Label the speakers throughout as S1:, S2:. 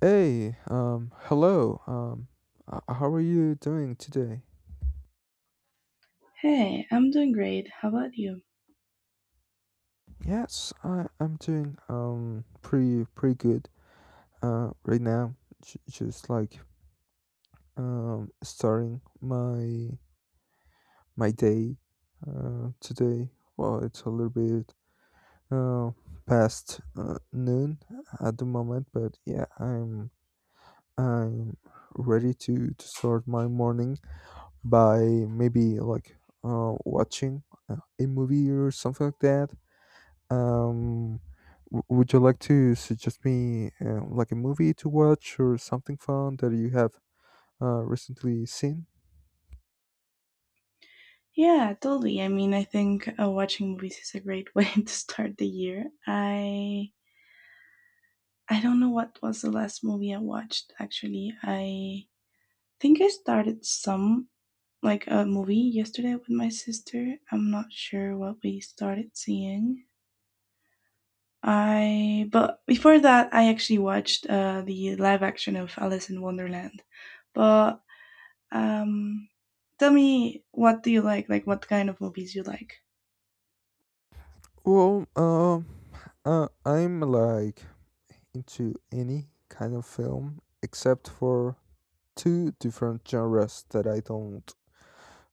S1: Hey, hello. How are you doing today?
S2: Hey, I'm doing great. How about you?
S1: Yes, I'm doing pretty good. Right now, just like starting my day. Today. Well, it's a little bit uh past noon at the moment, but yeah, I'm ready to start my morning. By maybe like watching a movie or something like that. Um, would you like to suggest me like a movie to watch or something fun that you have recently seen?
S2: Yeah, totally. I mean, I think watching movies is a great way to start the year. I don't know what was the last movie I watched. Actually, I think I started some like a movie yesterday with my sister. I'm not sure what we started seeing. I but before that, I actually watched the live action of Alice in Wonderland, but Um, tell me, what do you like? Like what kind of movies you like?
S1: Well, I'm like into any kind of film except for two different genres that I don't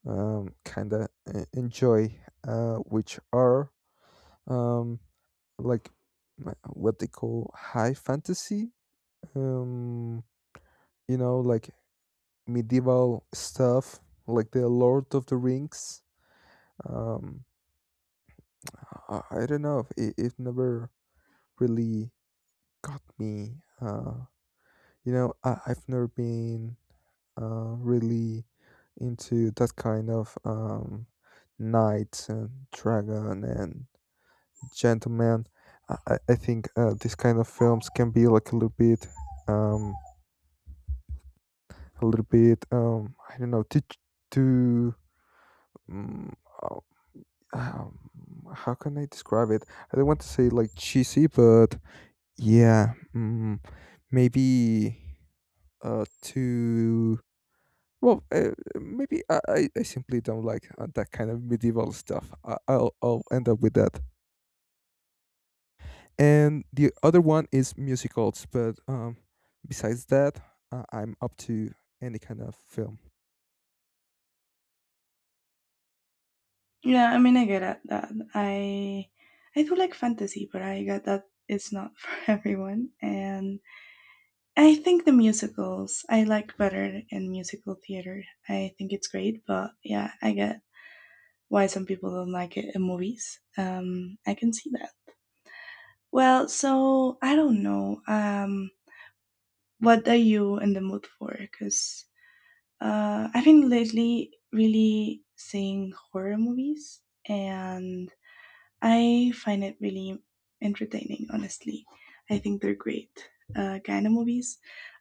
S1: kind of enjoy, which are um, like what they call high fantasy. um you know, like medieval stuff, like The Lord of the Rings. um I don't know, it never really got me. You know, I've never been really into that kind of knight and dragon and gentleman. I think these kind of films can be like a little bit, um a little bit, I don't know, to, mm, um, how can I describe it. I don't want to say like cheesy, but yeah. Maybe, to well maybe I simply don't like that kind of medieval stuff. I'll end up with that. And the other one is musicals, but besides that, I'm up to any kind of film.
S2: Yeah, I mean, I get it, that. I do like fantasy, but I get that it's not for everyone. And I think the musicals I like better in musical theater. I think it's great, but yeah, I get why some people don't like it in movies. I can see that. Well, so I don't know. What are you in the mood for? Because I've been lately really seeing horror movies, and I find it really entertaining, honestly. I think they're great kind of movies.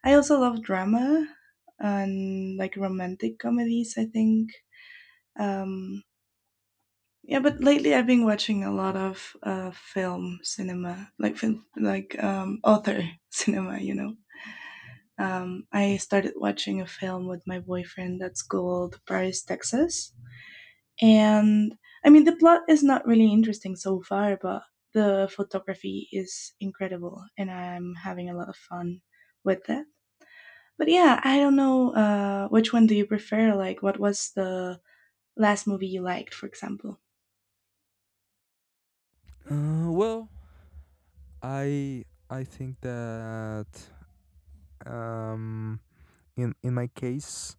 S2: I also love drama and like romantic comedies, I think. Um, yeah, but lately I've been watching a lot of film cinema, like film, like author cinema, you know. I started watching a film with my boyfriend that's called Paris, Texas. And I mean, the plot is not really interesting so far, but the photography is incredible, and I'm having a lot of fun with that. But yeah, I don't know, which one do you prefer? Like, what was the last movie you liked, for example?
S1: Well, I I think that um, in my case,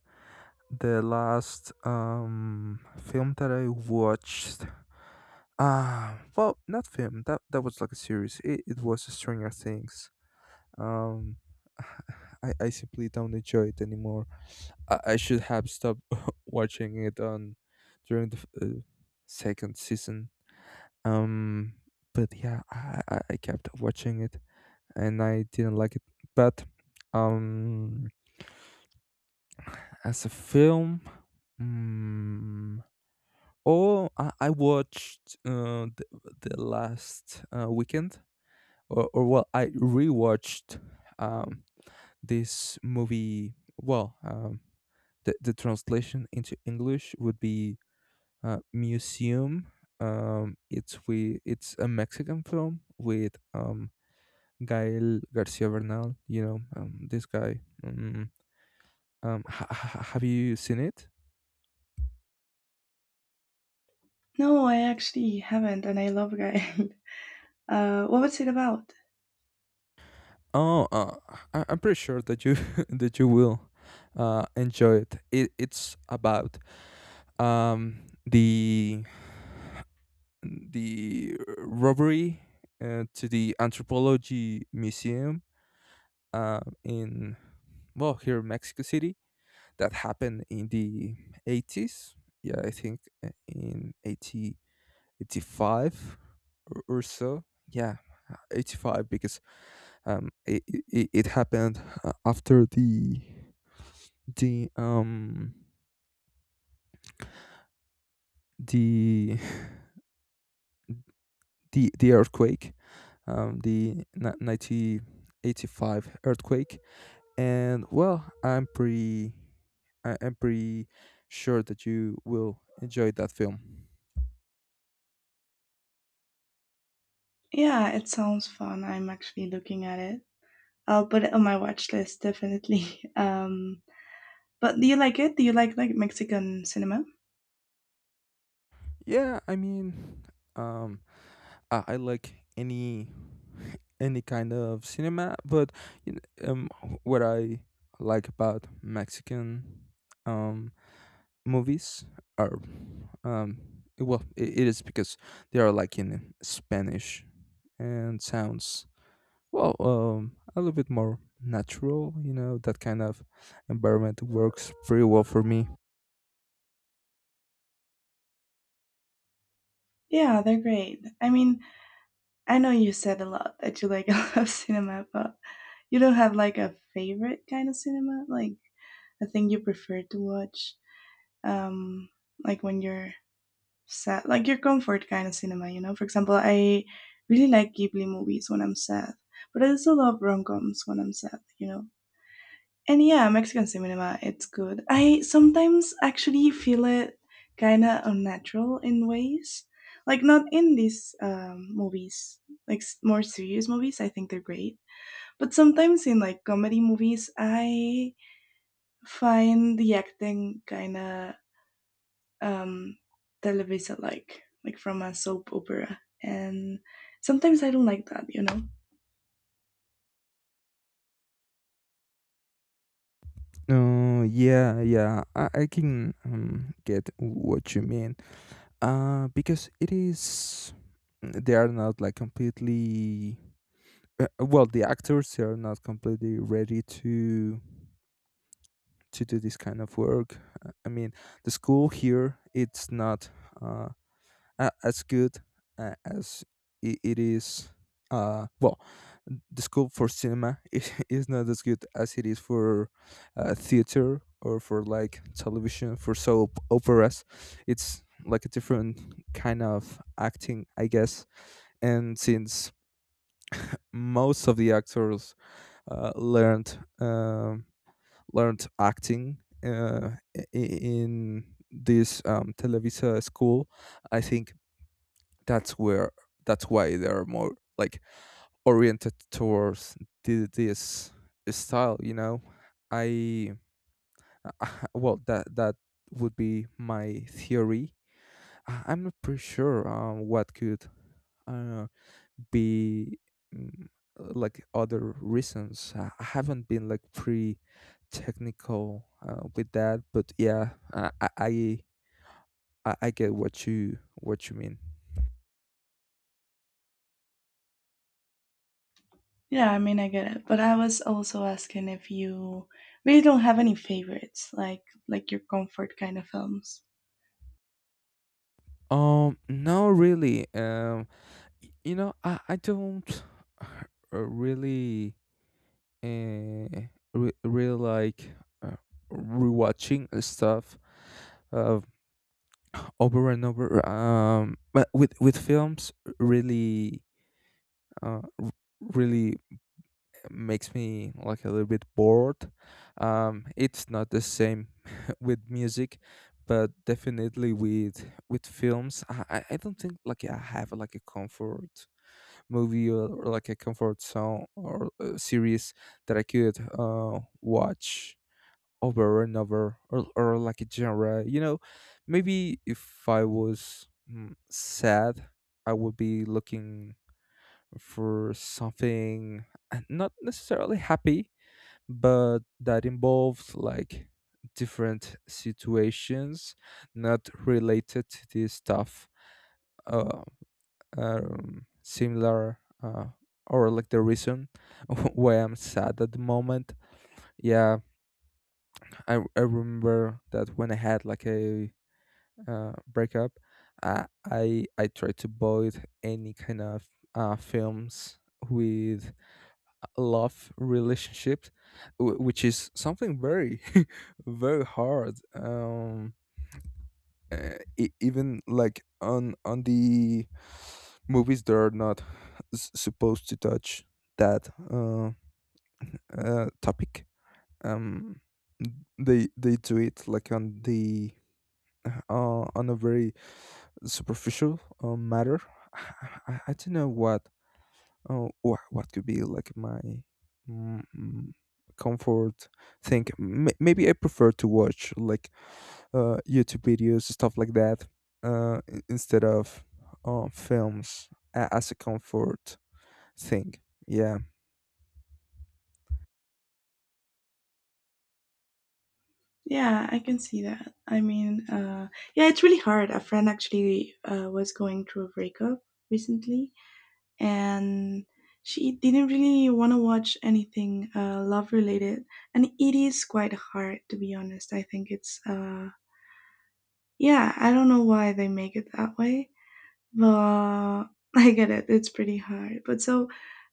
S1: the last film that I watched, well, not film, that was like a series. It was Stranger Things. Um, I simply don't enjoy it anymore. I should have stopped watching it on during the second season. Um, but yeah, I kept watching it, and I didn't like it. But um, as a film, mm, oh, I watched the last weekend, or well, I rewatched um, this movie. Well, the translation into English would be Museum. It's a Mexican film with Gael Garcia Bernal. You know, this guy. Have you seen it?
S2: No, I actually haven't, and I love Guide. What was it about?
S1: Oh, I'm pretty sure that you that you will enjoy it. It's about the robbery to the anthropology museum in well here in Mexico City that happened in the 80s. Yeah, I think in 80 85 or so. Yeah, 85, because um it, it happened after the um the the earthquake, 1985 earthquake. And well, I'm pretty sure that you will enjoy that film.
S2: Yeah, it sounds fun. I'm actually looking at it. I'll put it on my watch list definitely. But do you like it? Do you like Mexican cinema?
S1: Yeah, I mean, um I like any kind of cinema, but you know, what I like about Mexican um movies are, um well, it is because they are like in Spanish and sounds, well, a little bit more natural. You know, that kind of environment works pretty well for me.
S2: Yeah, they're great. I mean, I know you said a lot that you like a lot of cinema, but you don't have like a favorite kind of cinema, like a thing you prefer to watch, um, like when you're sad, like your comfort kind of cinema, you know? For example, I really like Ghibli movies when I'm sad, but I also love rom coms when I'm sad, you know? And yeah, Mexican cinema, it's good. I sometimes actually feel it kind of unnatural in ways. Like, not in these movies, like more serious movies, I think they're great. But sometimes in like comedy movies, I find the acting kind of um, television like from a soap opera. And sometimes I don't like that, you know?
S1: Yeah, yeah, I can get what you mean. Because it is, they are not like completely, well, the actors, they are not completely ready to do this kind of work. I mean, the school here it's not uh, as good as it is. Well, the school for cinema is not as good as it is for theater, or for like television for soap operas. It's like a different kind of acting, I guess. And since most of the actors uh, learned um learned acting, in this Televisa school, I think that's where that's why they're more like oriented towards this style. You know, I well, that would be my theory. I'm not pretty sure what could. Uh, be, mm, like, other reasons. I haven't been like pretty technical with that, but yeah, I get what you mean.
S2: Yeah, I mean, I get it. But I was also asking if you really don't have any favorites, like your comfort kind of films.
S1: No, really. You know, I don't really uh, really like uh, rewatching stuff uh, over and over. But with films, really, uh, r- really makes me like a little bit bored. It's not the same with music, but definitely with films. I don't think like I have like a comfort movie, or like a comfort song, or series that I could watch over and over, or like a genre. You know, maybe if I was sad, I would be looking for something not necessarily happy, but that involves like different situations not related to this stuff. Uh, Similar, or like the reason why I'm sad at the moment. Yeah, I remember that when I had like a breakup, I tried to avoid any kind of films with love relationships, which is something very very hard. Even like on the movies that are not supposed to touch that topic, um they do it like on the on a very superficial matter. I, I don't know what. What could be like my mm, mm, comfort thing? Maybe I prefer to watch, like, YouTube videos, stuff like that, instead of films as a comfort thing. Yeah,
S2: Yeah, I can see that. I mean, yeah, it's really hard. A friend actually was going through a breakup recently, and she didn't really want to watch anything love related. And it is quite hard, to be honest. I think it's, yeah, I don't know why they make it that way, but I get it. It's pretty hard. But so,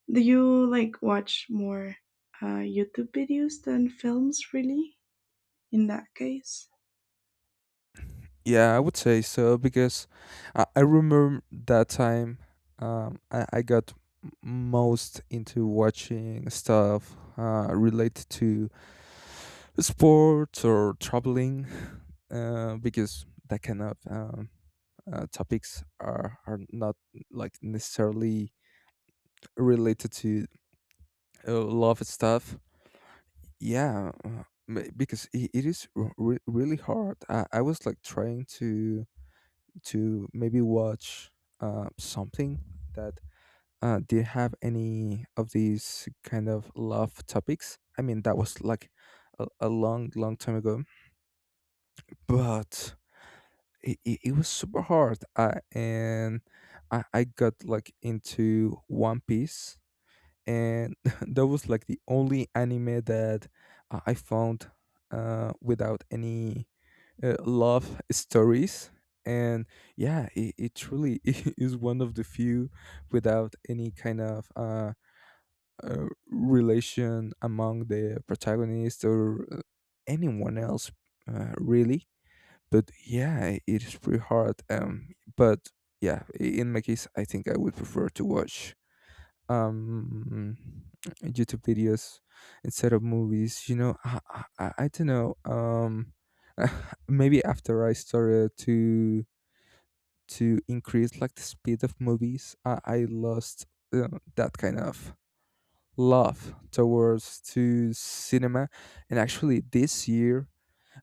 S2: do you like watch more YouTube videos than films, really? In that case,
S1: yeah, I would say so, because I remember that time, I got most into watching stuff related to sports or traveling, because that kind of topics are not like necessarily related to love stuff. Yeah, because it is really hard. I was like trying to maybe watch something that did have any of these kind of love topics. I mean, that was like a long, long time ago, but it was super hard, and I got like into One Piece. And that was like the only anime that I found without any love stories. And yeah, it truly is one of the few without any kind of relation among the protagonist, or uh, anyone else, really. But yeah, it is pretty hard. But yeah, in my case, I think I would prefer to watch um YouTube videos instead of movies. You know, I don't know. Maybe after I started to increase like the speed of movies, I lost that kind of love towards to cinema. And actually, this year,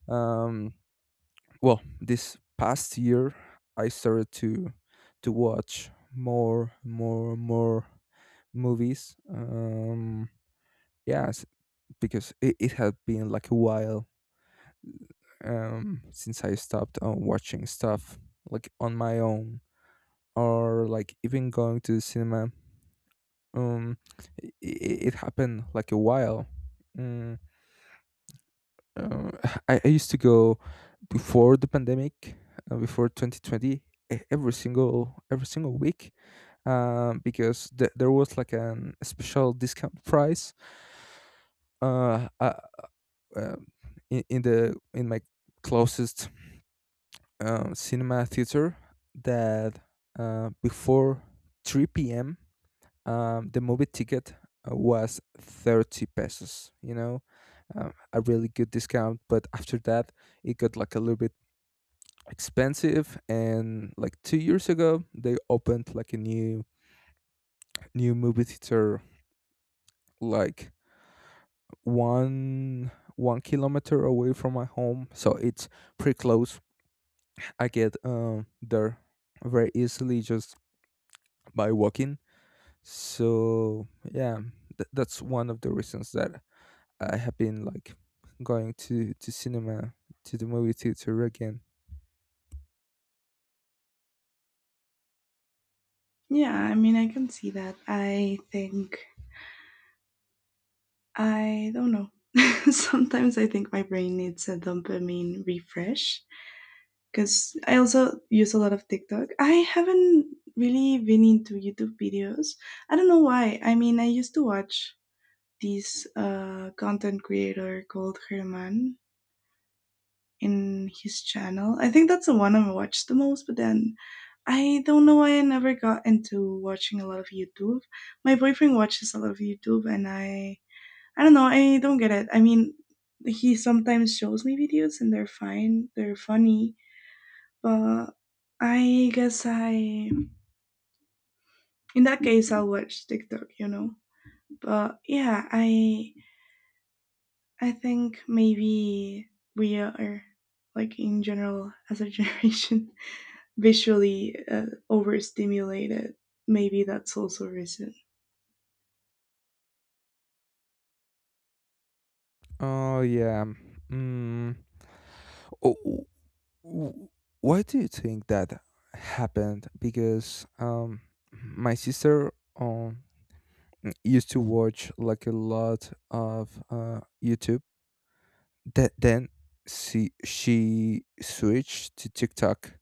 S1: um well, this past year, I started to watch more movies, yes, because it had been like a while since I stopped on watching stuff like on my own, or like even going to the cinema. um it happened like a while. Mm, Uh, I used to go before the pandemic, before 2020, every single week, because there was like an a special discount price uh, uh, um, in the in my closest cinema theater that, before 3 p.m. The movie ticket was 30 pesos. You know, a really good discount. But after that, it got like a little bit expensive. And like 2 years ago, they opened like a new movie theater like one one kilometer away from my home, so it's pretty close. I get there very easily, just by walking. So yeah, that's one of the reasons that I have been like going to the movie theater again.
S2: yeah, I mean, I can see that. I think, I don't know. Sometimes I think my brain needs a dopamine refresh because I also use a lot of TikTok. I haven't really been into YouTube videos. I don't know why. I mean, I used to watch this content creator called Herman in his channel. I think that's the one I watched the most, but then I don't know why I never got into watching a lot of YouTube. My boyfriend watches a lot of YouTube, and I don't know, I don't get it. I mean, he sometimes shows me videos and they're fine, they're funny, but I guess I in that case I'll watch TikTok, you know. But yeah, I think maybe we are like in general as a generation visually overstimulated. Maybe that's also a reason.
S1: Oh yeah. Mm. Oh, w- w- why do you think that happened? Because my sister um used to watch like a lot of YouTube. That then she switched to TikTok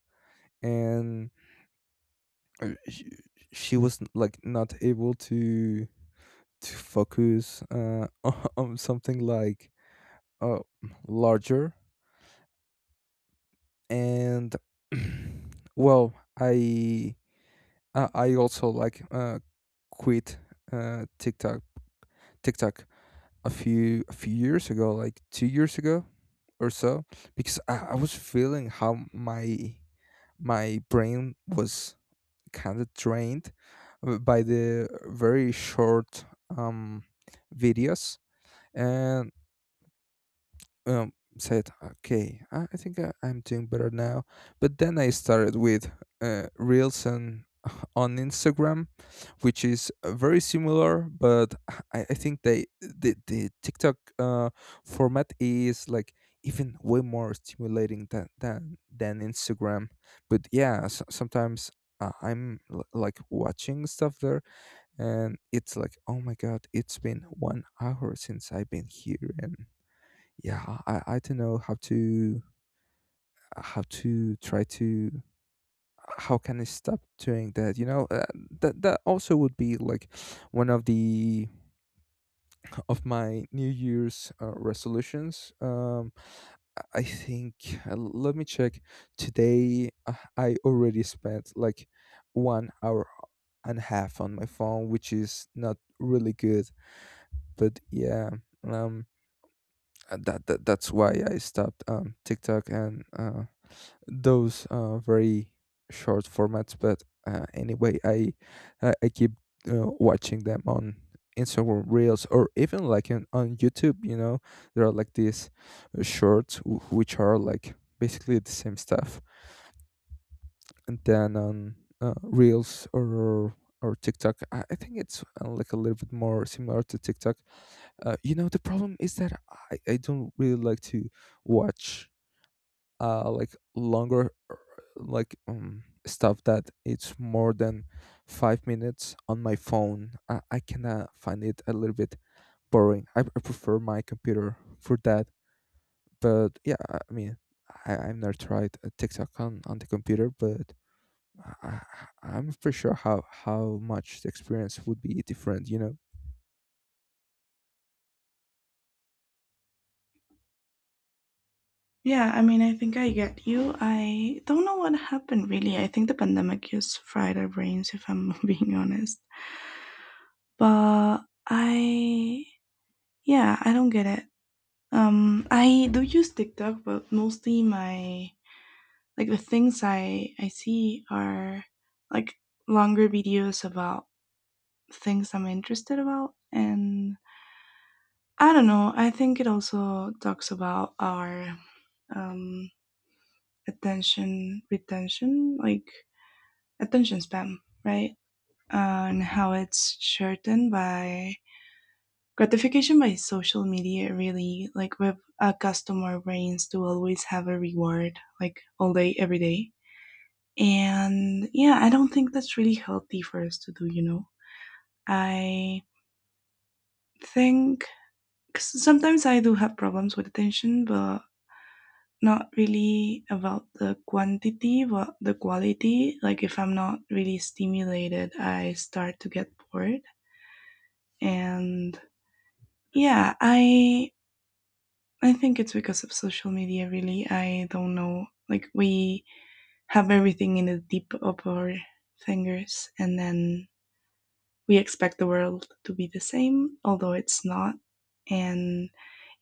S1: and uh, sh- she was like not able to focus on something like uh larger and well i i I also like quit uh tiktok tiktok a few years ago, like 2 years ago or so, because I was feeling how my brain was kind of drained by the very short videos, and said okay, I think I'm doing better now, but then I started with reels and on instagram, which is very similar, but I think the tiktok format is like even way more stimulating than than instagram. But yeah, sometimes I'm like watching stuff there, and it's like oh my god, it's been 1 hour since I've been here. And yeah, i don't know how to try to how can I stop doing that, you know? That also would be like one of the of my new year's resolutions. I think, let me check. Today I already spent like 1 hour and a half on my phone, which is not really good. But yeah, um that's why I stopped tiktok and those very short formats. But anyway, I keep watching them on Instagram Reels, or even like on YouTube. You know, there are like these shorts which are like basically the same stuff, and then on Reels or TikTok, I think it's like a little bit more similar to TikTok. You know, the problem is that I don't really like to watch like longer, like stuff that it's more than 5 minutes on my phone. I kind of find it a little bit boring. I prefer my computer for that. But yeah, I mean, I've never tried a tiktok on the computer, but I, I'm not pretty sure how much the experience would be different, you know?
S2: Yeah, I mean, I think I get you. I don't know what happened really. I think the pandemic just fried our brains, if I'm being honest. But I, yeah, I don't get it. I do use TikTok, but mostly my like the things I see are like longer videos about things I'm interested about, and I don't know. I think it also talks about our um, attention retention, like attention span, right? And how it's shortened by gratification by social media. Really, like we've accustomed our brains to always have a reward, like all day, every day. And yeah, I don't think that's really healthy for us to do. You know, I think 'cause sometimes I do have problems with attention, but not really about the quantity, but the quality. Like if I'm not really stimulated, I start to get bored. And yeah, I think it's because of social media really. I don't know. Like we have everything in the tip of our fingers, and then we expect the world to be the same, although it's not. And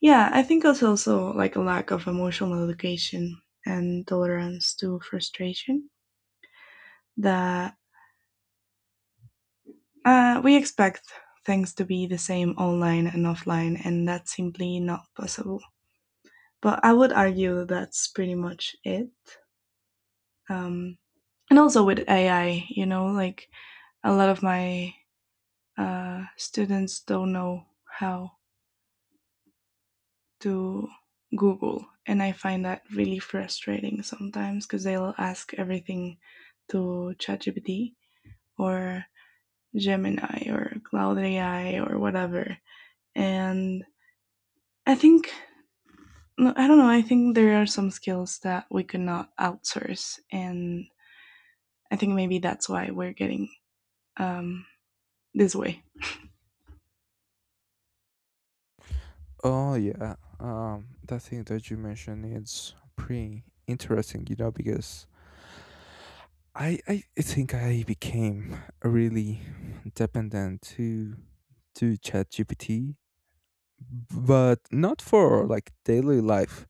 S2: yeah, I think it's also like a lack of emotional education and tolerance to frustration that we expect things to be the same online and offline, and that's simply not possible. But I would argue that's pretty much it. Um, and also with AI, you know, like a lot of my students don't know how to Google, and I find that really frustrating sometimes because they'll ask everything to ChatGPT or Gemini or Cloud AI or whatever, and I think no, I don't know. I think there are some skills that we could not outsource, and I think maybe that's why we're getting um, this way.
S1: Oh yeah, that thing that you mentioned, it's pretty interesting, you know, because I think I became really dependent to ChatGPT, but not for like daily life.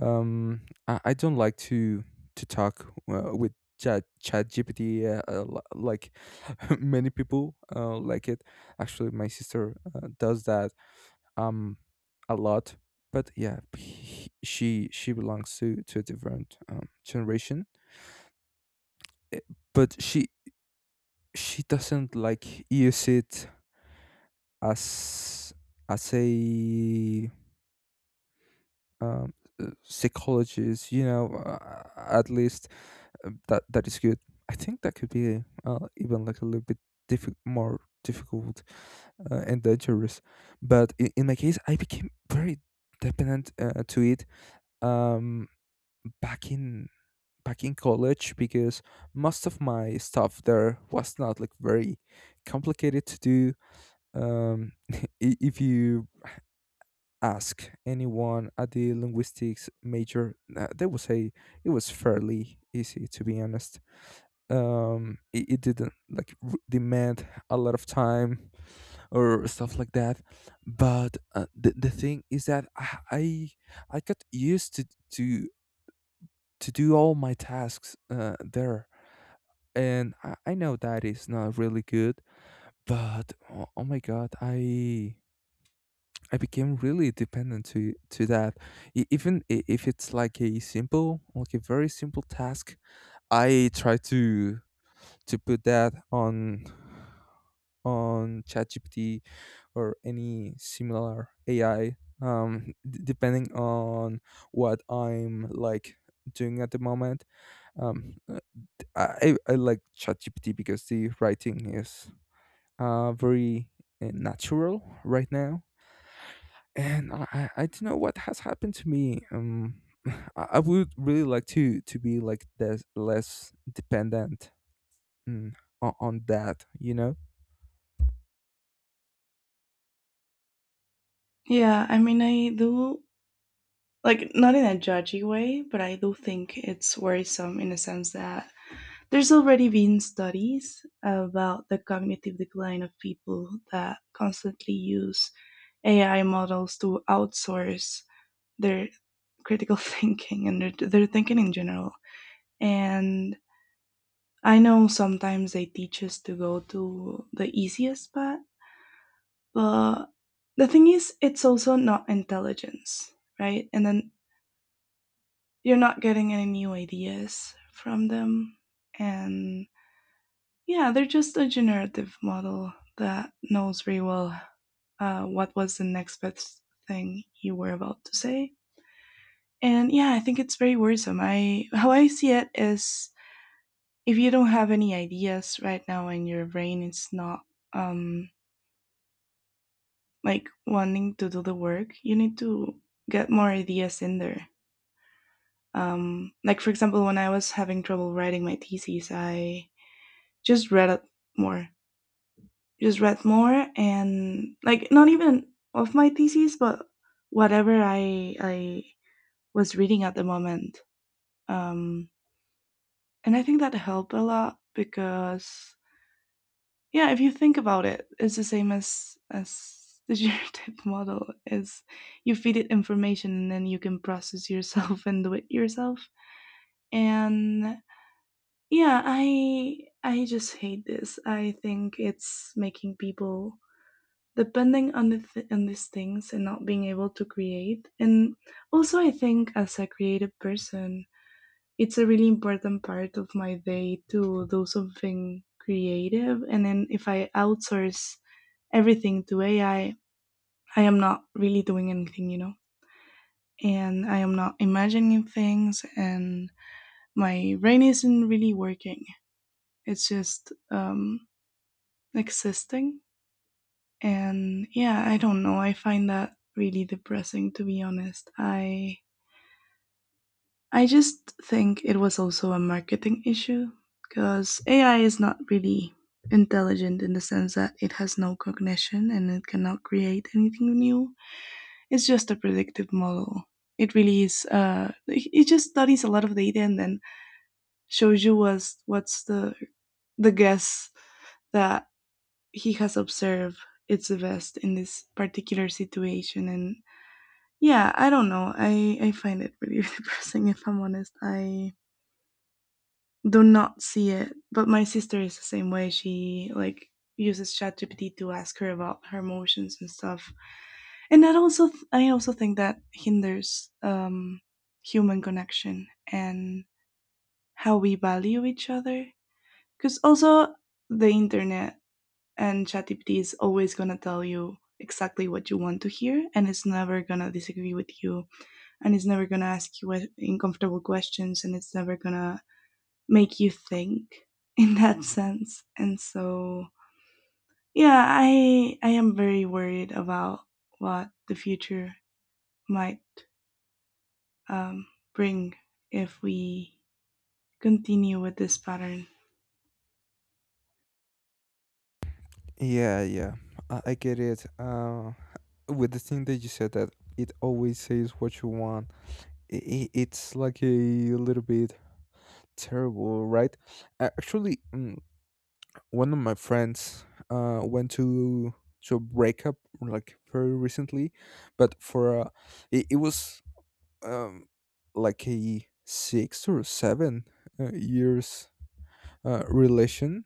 S1: I don't like to talk with ChatGPT, like many people like it. Actually, my sister does that um a lot. But yeah, she belongs to a different generation. Eh, But she doesn't like use it as a um, psychologist, you know. At least that is good. I think that could be even like a little bit more difficult and dangerous. But in my case, I became very dependent to it, um back in back in college, because most of my stuff there was not like very complicated to do. If you ask anyone at the linguistics major, they will say it was fairly easy, to be honest. It didn't like demand a lot of time or stuff like that. But the thing is that I got used to to do all my tasks there. And I know that is not really good, but oh my god, I became really dependent to that. Even if it's like a simple, like a very simple task, I try to put that on ChatGPT or any similar AI. Depending on what I'm like doing at the moment. Um, uh, I like ChatGPT because the writing is very natural right now. And I don't know what has happened to me. I would really like to be like this less dependent, mm, on that. You know?
S2: Yeah, I mean, I do like not in a judgy way, but I do think it's worrisome in the sense that there's already been studies about the cognitive decline of people that constantly use AI models to outsource their critical thinking and their thinking in general. And I know sometimes they teach us to go to the easiest path, but the thing is, it's also not intelligence, right? And then you're not getting any new ideas from them. And yeah, they're just a generative model that knows very well what was the next best thing you were about to say. And yeah, I think it's very worrisome. I how I see it is if you don't have any ideas right now and your brain is not um, like wanting to do the work, you need to get more ideas in there. Like for example, when I was having trouble writing my thesis, I just read it more, just read more, and like not even of my thesis but whatever I was reading at the moment. Um, and I think that helped a lot because yeah, if you think about it, it's the same as the generative model is you feed it information and then you can process yourself and do it yourself. And yeah, I just hate this. I think it's making people depending on on these things and not being able to create. And also I think as a creative person, it's a really important part of my day to do something creative, and then if I outsource everything to AI, I am not really doing anything, you know. And I am not imagining things, and my brain isn't really working. It's just existing. And yeah, I don't know. I find that really depressing, to be honest. I just think it was also a marketing issue because AI is not really intelligent in the sense that it has no cognition and it cannot create anything new. It's just a predictive model. It really is. It it just studies a lot of data and then shows you what's the guess that he has observed it's the best in this particular situation. And yeah, I don't know. I find it really depressing if I'm honest. I do not see it, but my sister is the same way. She like uses ChatGPT to ask her about her emotions and stuff. And that also I also think that hinders human connection and how we value each other because also the internet and ChatGPT is always going to tell you exactly what you want to hear, and it's never going to disagree with you, and it's never going to ask you uncomfortable questions, and it's never going to make you think in that sense. And so, yeah, I am very worried about what the future might um, bring if we continue with this pattern.
S1: Yeah, yeah, I get it. With the thing that you said that it always says what you want, it's like a little bit terrible, right? Actually, mm, one of my friends went to a breakup like very recently. But for it was um like a six or seven years relation.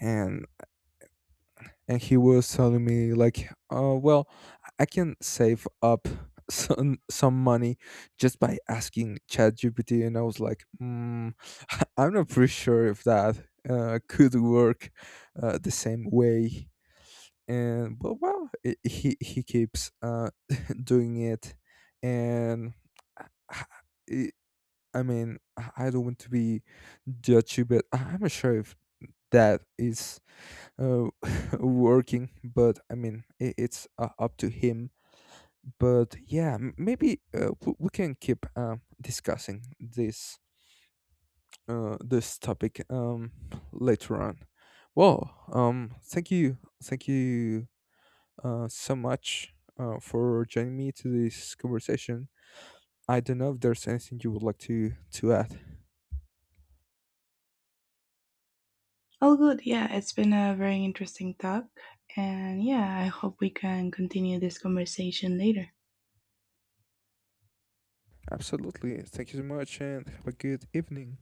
S1: And he was telling me like well, I can save up some money just by asking ChatGPT. And I was like mm, I'm not pretty sure if that could work the same way. And but well he keeps doing it. And I- I mean, I don't want to be judgy, but I'm not sure if that is uh, working. But I mean, I it's up to him. But yeah, maybe we can keep discussing this this topic, later on. Well, thank you so much for joining me to this conversation. I don't know if there's anything you would like to add.
S2: All good. Yeah, it's been a very interesting talk. And yeah, I hope we can continue this conversation later.
S1: Absolutely. Thank you so much, and have a good evening.